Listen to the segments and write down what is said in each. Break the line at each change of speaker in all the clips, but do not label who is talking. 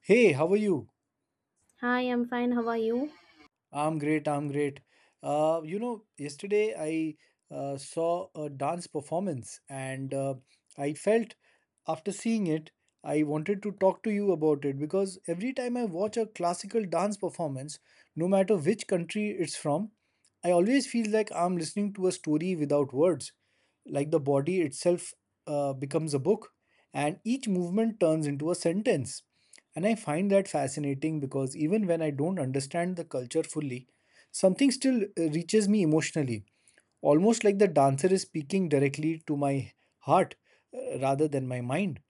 Hey, how are you?
Hi, I'm fine. How are you?
I'm great, I'm great. Yesterday I saw a dance performance and I felt after seeing it, I wanted to talk to you about it because every time I watch a classical dance performance, no matter which country it's from, I always feel like I'm listening to a story without words, like the body itself becomes a book and each movement turns into a sentence. And I find that fascinating because even when I don't understand the culture fully, something still reaches me emotionally, almost like the dancer is speaking directly to my heart rather than my mind.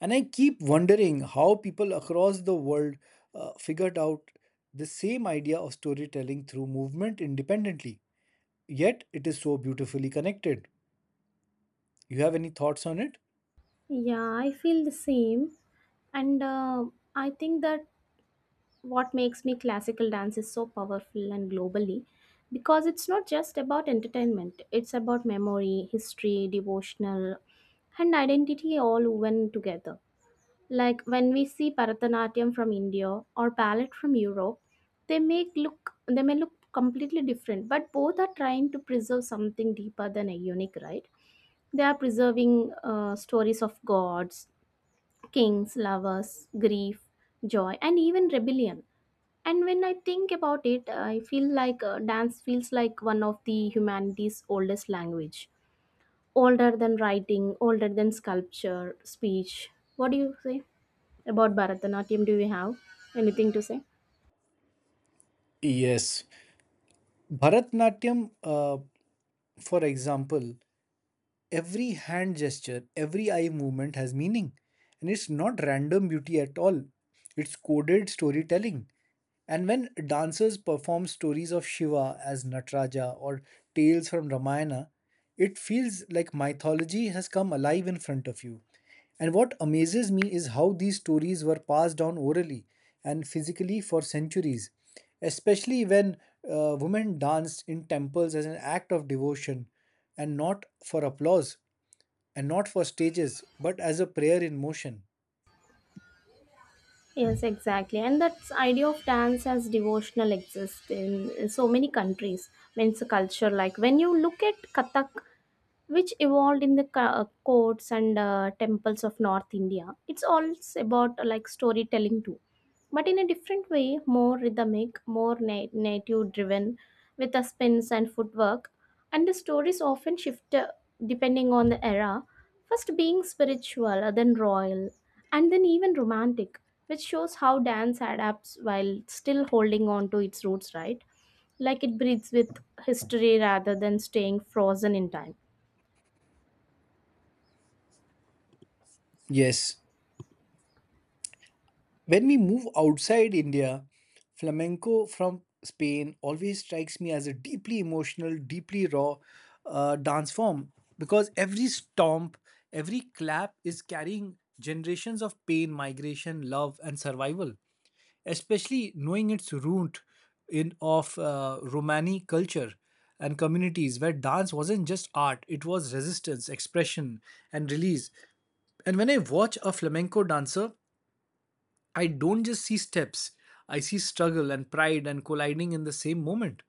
And I keep wondering how people across the world figured out the same idea of storytelling through movement independently, yet it is so beautifully connected. You have any thoughts on it?
Yeah, I feel the same. And I think that what makes me classical dance is so powerful and globally because it's not just about entertainment, it's about memory, history, devotional, and identity all woven together. Like when we see Bharatanatyam from India or ballet from Europe, they may look completely different, but both are trying to preserve something deeper than a unique, right? They are preserving stories of gods, kings, lovers, grief, joy, and even rebellion. And when I think about it, I feel like dance feels like one of the humanity's oldest language, older than writing, older than sculpture, speech. What do you say about Bharatanatyam? Do you have anything to say?
Yes. Bharatnatyam, for example, every hand gesture, every eye movement has meaning. And it's not random beauty at all, it's coded storytelling. And when dancers perform stories of Shiva as Nataraja or tales from Ramayana, it feels like mythology has come alive in front of you. And what amazes me is how these stories were passed down orally and physically for centuries, especially when women danced in temples as an act of devotion and not for applause and not for stages, but as a prayer in motion.
Yes, exactly. And that idea of dance as devotional exists in so many countries. Means a culture, like when you look at Kathak, which evolved in the courts and temples of North India, it's all about like storytelling too but in a different way, more rhythmic, native driven, with the spins and footwork. And the stories often shift depending on the era, first being spiritual, then royal, and then even romantic, which shows how dance adapts while still holding on to its roots, right? Like it breathes with history rather than staying frozen in time.
Yes. When we move outside India, flamenco from Spain always strikes me as a deeply emotional, deeply raw dance form, because every stomp, every clap is carrying generations of pain, migration, love, and survival. Especially knowing its root in of Romani culture and communities where dance wasn't just art; it was resistance, expression, and release. And when I watch a flamenco dancer, I don't just see steps, I see struggle and pride and colliding in the same moment.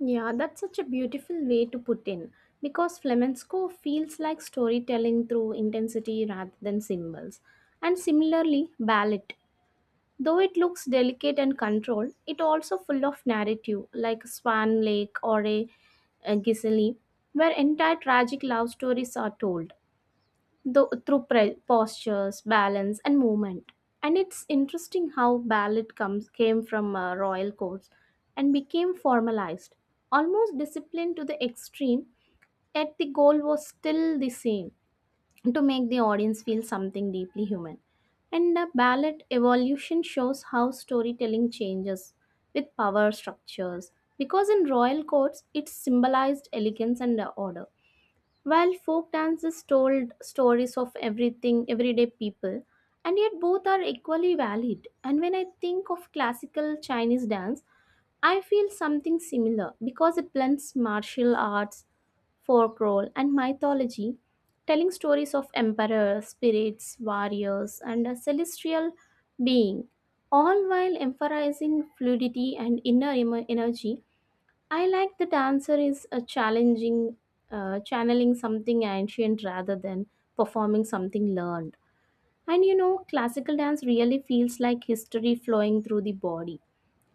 Yeah, that's such a beautiful way to put in because flamenco feels like storytelling through intensity rather than symbols. And similarly, ballet, though it looks delicate and controlled, it also full of narrative like Swan Lake a Giselle, where entire tragic love stories are told though through postures, balance, and movement. And it's interesting how ballet comes came from royal courts and became formalized, almost disciplined to the extreme. Yet the goal was still the same: to make the audience feel something deeply human. And the ballet evolution shows how storytelling changes with power structures, because in royal courts it symbolized elegance and order while folk dances told stories of everything, everyday people, and yet both are equally valid. And when I think of classical Chinese dance, I feel something similar because it blends martial arts, folklore, and mythology, telling stories of emperors, spirits, warriors, and a celestial being, all while emphasizing fluidity and inner energy. I like that answer is a challenging, channeling something ancient rather than performing something learned. And you know, classical dance really feels like history flowing through the body.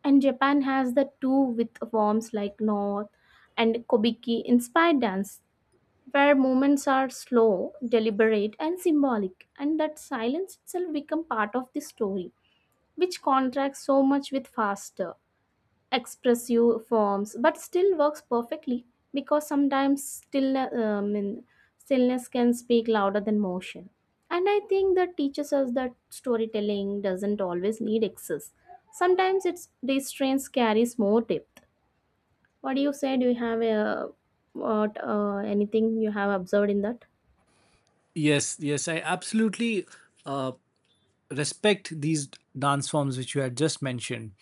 And Japan has the two with forms like North and Kobiki inspired dance, where movements are slow, deliberate, and symbolic, and that silence itself become part of the story, which contrasts so much with faster expressive forms but still works perfectly because stillness can speak louder than motion, and I think that teaches us that storytelling doesn't always need excess. Sometimes it's restraints carries more depth. What do you say? Do you have a what anything you have observed in that?
Yes, yes, I absolutely uh, respect these dance forms which you had just mentioned.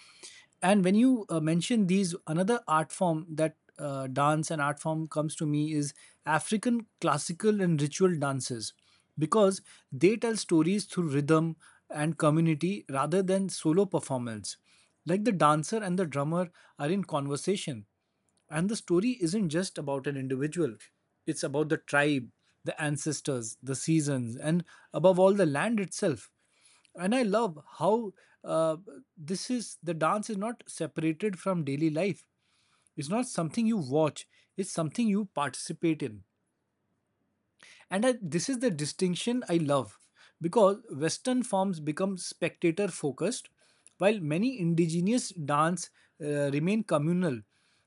And when you mention these, another art form that dance and art form comes to me is African classical and ritual dances, because they tell stories through rhythm and community rather than solo performance. Like the dancer and the drummer are in conversation. And the story isn't just about an individual, it's about the tribe, the ancestors, the seasons, and above all, the land itself. And I love how uh, this is the dance is not separated from daily life. It's not something you watch, it's something you participate in. And I, this is the distinction I love, because western forms become spectator focused, while many indigenous dance remain communal.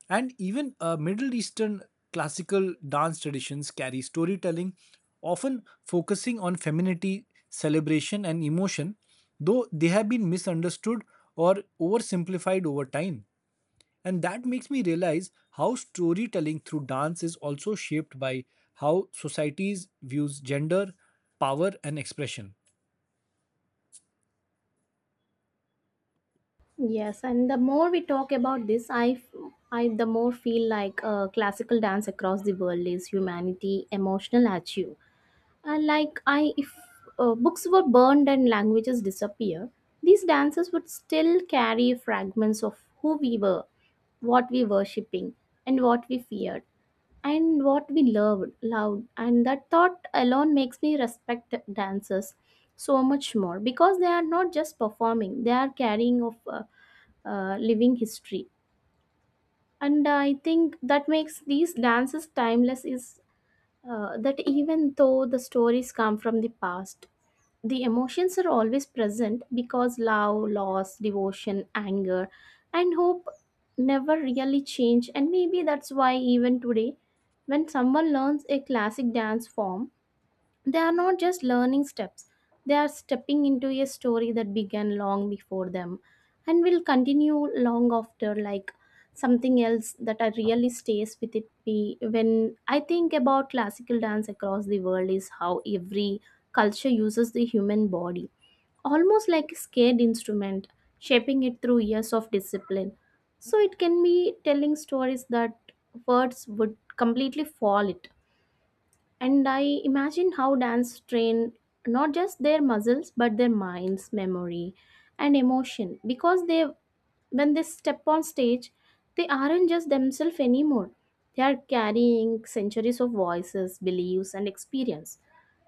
And even middle eastern classical dance traditions carry storytelling, often focusing on femininity, celebration, and emotion, though they have been misunderstood or oversimplified over time. And that makes me realize how storytelling through dance is also shaped by how societies views gender, power, and expression.
Yes, and the more we talk about this, the more feel like classical dance across the world is humanity emotional achieve. Like I, if books were burned and languages disappear, these dances would still carry fragments of who we were, what we worshipping, and what we feared, and what we loved. And that thought alone makes me respect dancers so much more because they are not just performing; they are carrying of living history. And I think that makes these dances timeless is that even though the stories come from the past, the emotions are always present because love, loss, devotion, anger, and hope never really change. And maybe that's why, even today, when someone learns a classic dance form, they are not just learning steps, they are stepping into a story that began long before them and will continue long after. Like something else that I really stays with it. Me, when I think about classical dance across the world is how every culture uses the human body almost like a scared instrument, shaping it through years of discipline so it can be telling stories that words would completely fall it. And I imagine how dance train not just their muscles but their minds, memory, and emotion because they when they step on stage, they aren't just themselves anymore. They are carrying centuries of voices, beliefs, and experience.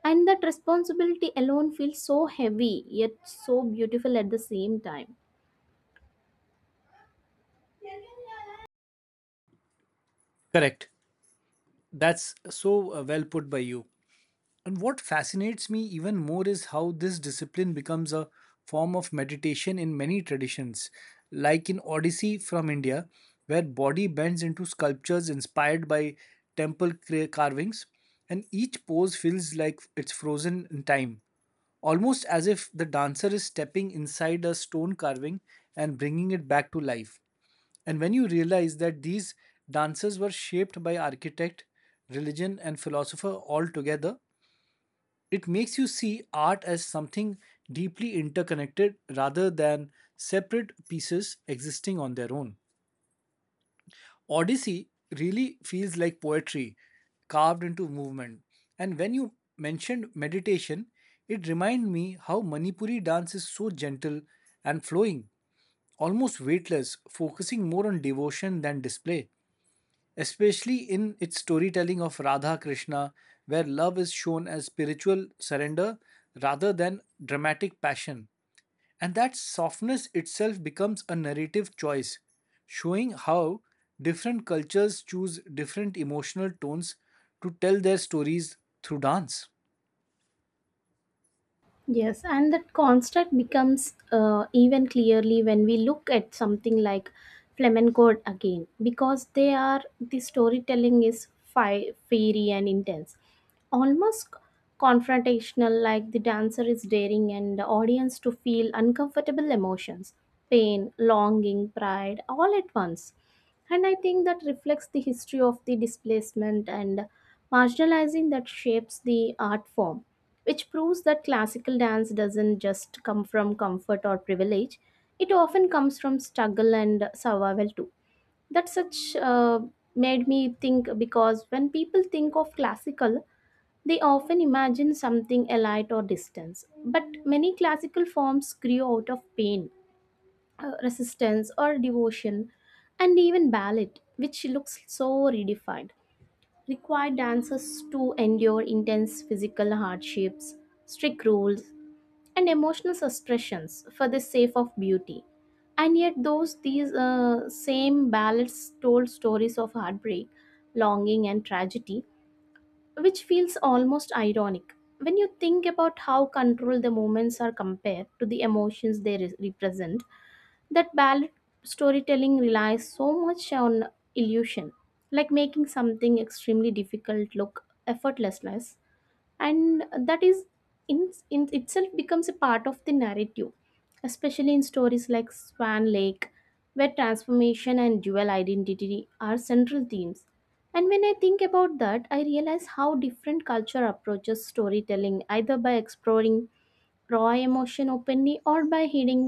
And that responsibility alone feels so heavy yet so beautiful at the same time.
Correct. That's so well put by you. And what fascinates me even more is how this discipline becomes a form of meditation in many traditions, like in Odyssey from India, where body bends into sculptures inspired by temple carvings, and each pose feels like it's frozen in time, almost as if the dancer is stepping inside a stone carving and bringing it back to life. And when you realize that these dances were shaped by architect, religion, and philosopher all together, it makes you see art as something deeply interconnected rather than separate pieces existing on their own. Odyssey really feels like poetry carved into movement. And when you mentioned meditation, it reminded me how Manipuri dance is so gentle and flowing, almost weightless, focusing more on devotion than display, especially in its storytelling of Radha Krishna, where love is shown as spiritual surrender rather than dramatic passion. And that softness itself becomes a narrative choice, showing how different cultures choose different emotional tones to tell their stories through dance.
Yes, and that construct becomes even clearly when we look at something like flamenco again, because they are the storytelling is fiery and intense, almost confrontational. Like the dancer is daring and the audience to feel uncomfortable emotions, pain, longing, pride, all at once. And I think that reflects the history of the displacement and marginalizing that shapes the art form, which proves that classical dance doesn't just come from comfort or privilege, it often comes from struggle and survival too. That such made me think because when people think of classical, they often imagine something elite or distance. But many classical forms grew out of pain, resistance or devotion, and even ballet, which looks so redefined, require dancers to endure intense physical hardships, strict rules, and emotional suppressions for the sake of beauty. And yet, those these same ballads told stories of heartbreak, longing, and tragedy, which feels almost ironic when you think about how controlled the moments are compared to the emotions they represent. That ballad storytelling relies so much on illusion, like making something extremely difficult look effortlessness, and that is in itself becomes a part of the narrative, especially in stories like Swan Lake where transformation and dual identity are central themes. And when I think about that, I realize how different culture approaches storytelling either by exploring raw emotion openly or by hiding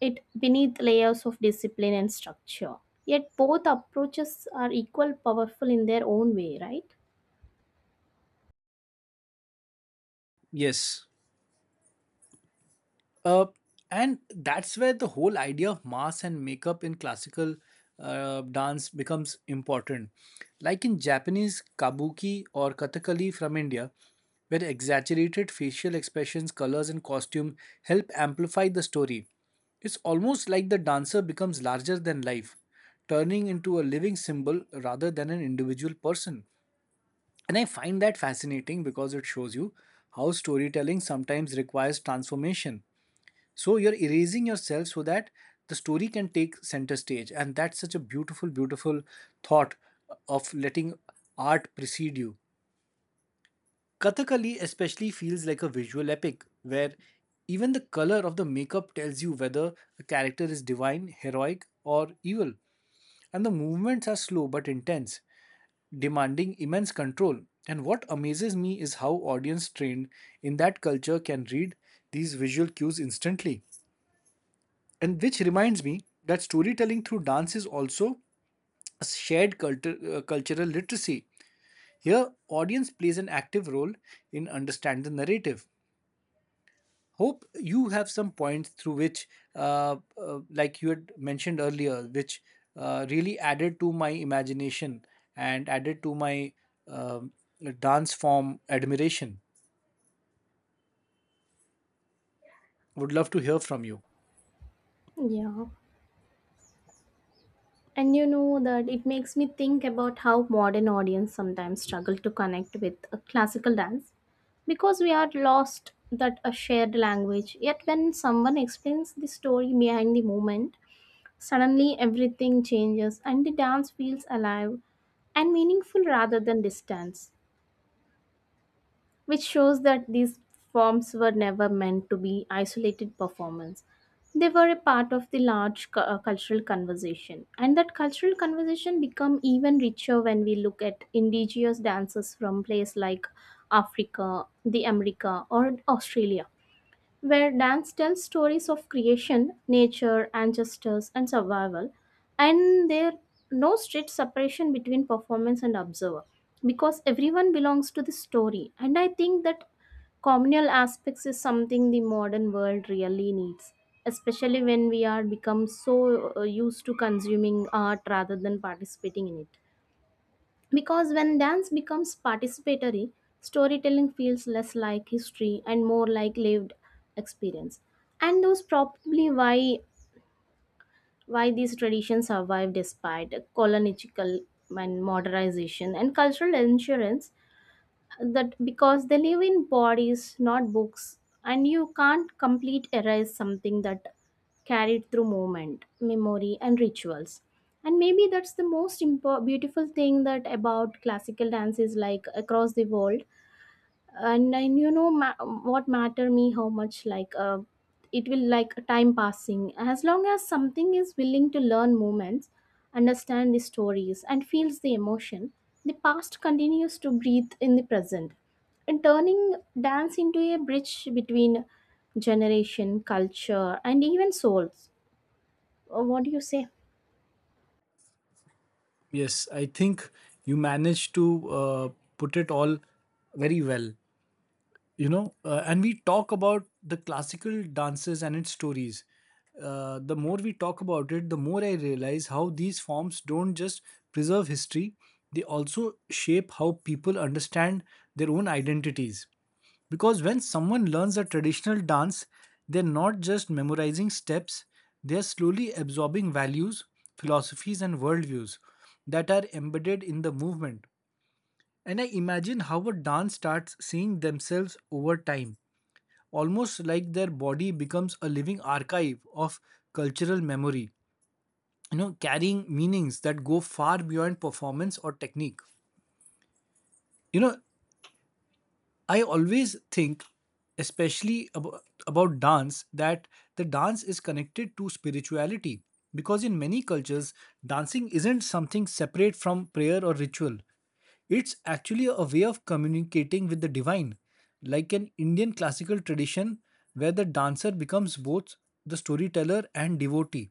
it beneath layers of discipline and structure, yet both approaches are equal powerful in their own way, right?
Yes. Uh, and that's where the whole idea of mask and makeup in classical dance becomes important. Like in Japanese kabuki or kathakali from India, where exaggerated facial expressions, colors, and costume help amplify the story. It's almost like the dancer becomes larger than life, turning into a living symbol rather than an individual person. And I find that fascinating because it shows you how storytelling sometimes requires transformation. So you're erasing yourself so that the story can take center stage. And that's such a beautiful, beautiful thought of letting art precede you. Kathakali especially feels like a visual epic where even the color of the makeup tells you whether a character is divine, heroic, or evil. And the movements are slow but intense, demanding immense control. And what amazes me is how audience trained in that culture can read these visual cues instantly. And which reminds me that storytelling through dance is also a shared cultural literacy. Here, audience plays an active role in understanding the narrative. Hope you have some points through which like you had mentioned earlier, which really added to my imagination and added to my um dance form admiration. Would love to hear from you.
Yeah. And you know that it makes me think about how modern audience sometimes struggle to connect with a classical dance because we are lost that a shared language. Yet when someone explains the story behind the movement, suddenly everything changes and the dance feels alive and meaningful rather than distant, which shows that these forms were never meant to be isolated performance. They were a part of the cultural conversation, and that cultural conversation become even richer when we look at indigenous dances from places like Africa, the America, or Australia where dance tells stories of creation, nature, ancestors, and survival. And there no strict separation between performance and observer because everyone belongs to the story. And I think that communal aspects is something the modern world really needs, especially when we are become so used to consuming art rather than participating in it. Because when dance becomes participatory, storytelling feels less like history and more like lived experience. And those probably why these traditions survive despite colonial and modernization and cultural insurance, that because they live in bodies not books, and you can't complete erase something that carried through movement memory and rituals. And maybe that's the most beautiful thing that about classical dances like across the world. And then you know what matter me how much like it will like time passing as long as something is willing to learn moments, understand the stories and feels the emotion, the past continues to breathe in the present, and turning dance into a bridge between generation culture and even souls. What do you say?
Yes, I think you managed to put it all very well. You know and we talk about the classical dances and its stories, the more we talk about it, the more I realize how these forms don't just preserve history, they also shape how people understand their own identities, because when someone learns a traditional dance, they're not just memorizing steps, they're slowly absorbing values, philosophies, and worldviews that are embedded in the movement. And I imagine how a dance starts seeing themselves over time, almost like their body becomes a living archive of cultural memory, you know, carrying meanings that go far beyond performance or technique. You know, I always think, especially about dance, that the dance is connected to spirituality. Because in many cultures, dancing isn't something separate from prayer or ritual. It's actually a way of communicating with the divine, like an Indian classical tradition where the dancer becomes both the storyteller and devotee,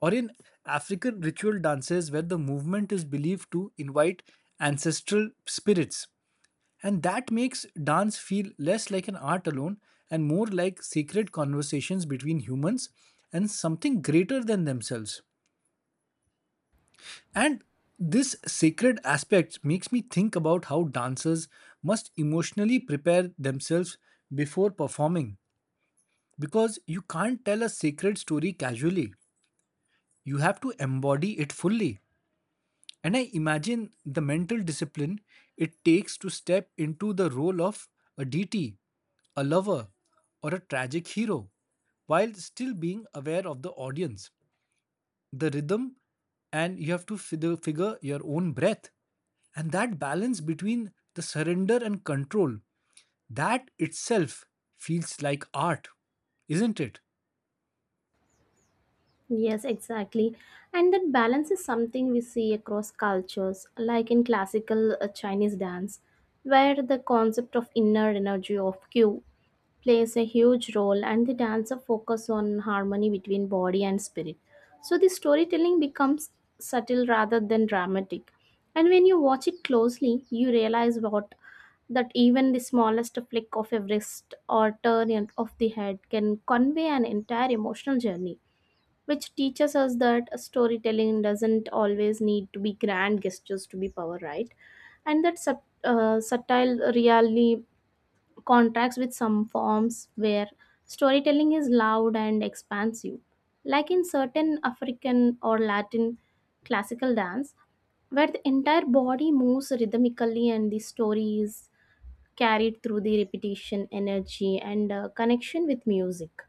or in African ritual dances where the movement is believed to invite ancestral spirits. And that makes dance feel less like an art alone and more like sacred conversations between humans and something greater than themselves. And this sacred aspect makes me think about how dancers must emotionally prepare themselves before performing, because you can't tell a sacred story casually. You have to embody it fully. And I imagine the mental discipline it takes to step into the role of a DT, a lover, or a tragic hero, while still being aware of the audience, the rhythm, and you have to figure your own breath. And that balance between the surrender and control, that itself feels like art, isn't it?
Yes, exactly. And that balance is something we see across cultures, like in classical Chinese dance, where the concept of inner energy of Q plays a huge role and the dancer focus on harmony between body and spirit. So the storytelling becomes subtle rather than dramatic. And when you watch it closely, you realize what that even the smallest flick of a wrist or turn of the head can convey an entire emotional journey, which teaches us that storytelling doesn't always need to be grand gestures to be power, right? And that subtle really contrasts with some forms where storytelling is loud and expansive, like in certain African or Latin classical dance where the entire body moves rhythmically and the story is carried through the repetition energy and connection with music.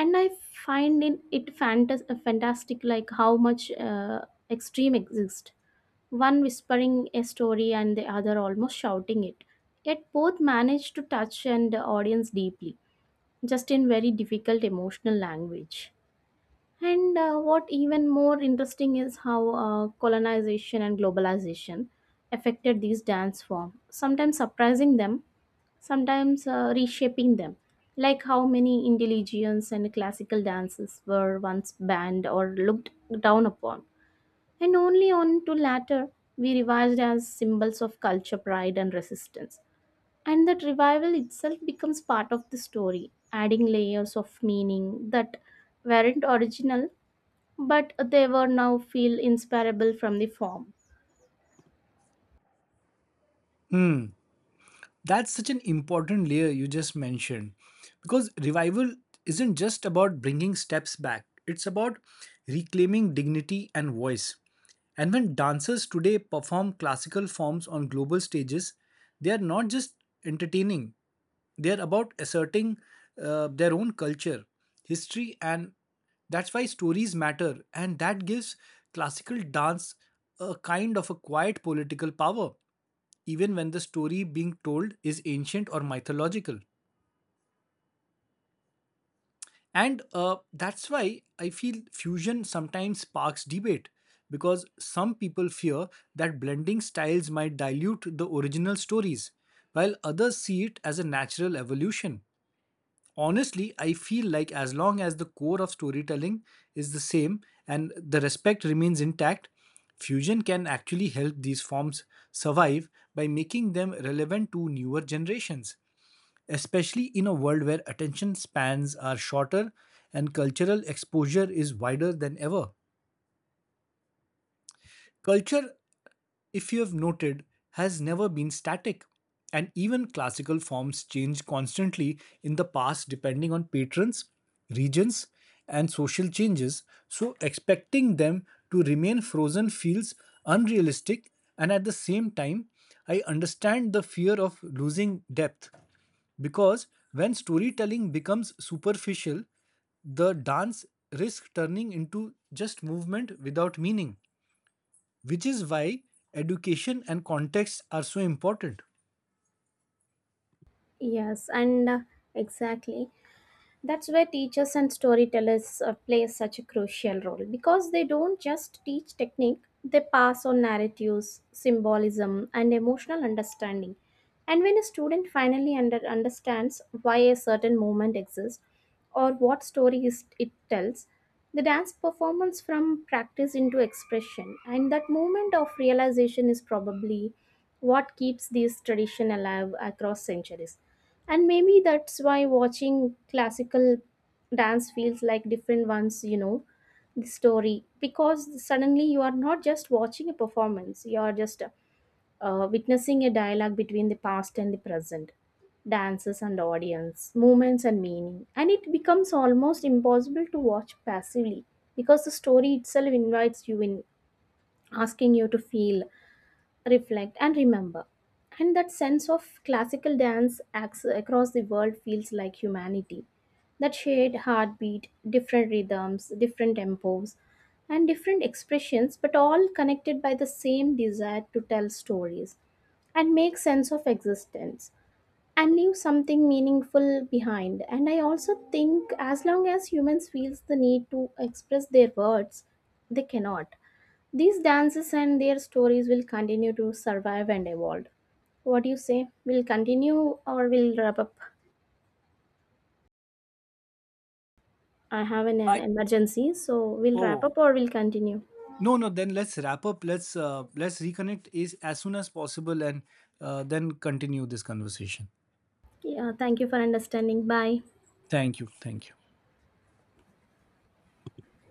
And I find in it fantastic, like how much extreme exist, one whispering a story and the other almost shouting it, yet both manage to touch and the audience deeply, just in very difficult emotional language. And what even more interesting is how colonization and globalization affected these dance form, sometimes surprising them, sometimes reshaping them, like how many intelligence and classical dances were once banned or looked down upon, and only on to latter we revised as symbols of culture, pride, and resistance. And that revival itself becomes part of the story, adding layers of meaning that weren't original, but they were now feel inseparable from the form.
That's such an important layer you just mentioned, because revival isn't just about bringing steps back, it's about reclaiming dignity and voice. And when dancers today perform classical forms on global stages, they are not just entertaining, they are about asserting their own culture, history, and that's why stories matter. And that gives classical dance a kind of a quiet political power even when the story being told is ancient or mythological. And that's why I feel fusion sometimes sparks debate because some people fear that blending styles might dilute the original stories, while others see it as a natural evolution. Honestly, I feel like as long as the core of storytelling is the same and the respect remains intact, fusion can actually help these forms survive by making them relevant to newer generations, especially in a world where attention spans are shorter and cultural exposure is wider than ever. Culture, if you have noted, has never been static, and even classical forms change constantly in the past depending on patrons, regions, and social changes, so expecting them to remain frozen feels unrealistic, and at the same time, I understand the fear of losing depth. Because when storytelling becomes superficial, the dance risks turning into just movement without meaning, which is why education and context are so important.
Yes, and exactly. That's where teachers and storytellers play such a crucial role because they don't just teach technique, they pass on narratives symbolism and emotional understanding. And when a student finally understands why a certain movement exists or what it tells, the dance performance from practice into expression, and that moment of realization is probably what keeps this tradition alive across centuries. And maybe that's why watching classical dance feels like different ones, you know the story, because suddenly you are not just watching a performance, you are just witnessing a dialogue between the past and the present, dances and audience, movements and meaning, and it becomes almost impossible to watch passively because the story itself invites you in, asking you to feel, reflect and remember. And that sense of classical dance acts across the world feels like humanity, that shared heartbeat, different rhythms, different tempos, and different expressions, but all connected by the same desire to tell stories and make sense of existence and leave something meaningful behind. And I also think as long as humans feels the need to express their words, they cannot these dances and their stories will continue to survive and evolve. What do you say? We'll continue or we'll wrap up? I have an
I
emergency, so we'll wrap
oh,
up or we'll continue.
no, no. Then let's wrap up. Let's reconnect is as soon as possible, and then continue this conversation.
Yeah, thank you for understanding. Bye.
Thank you. Thank you.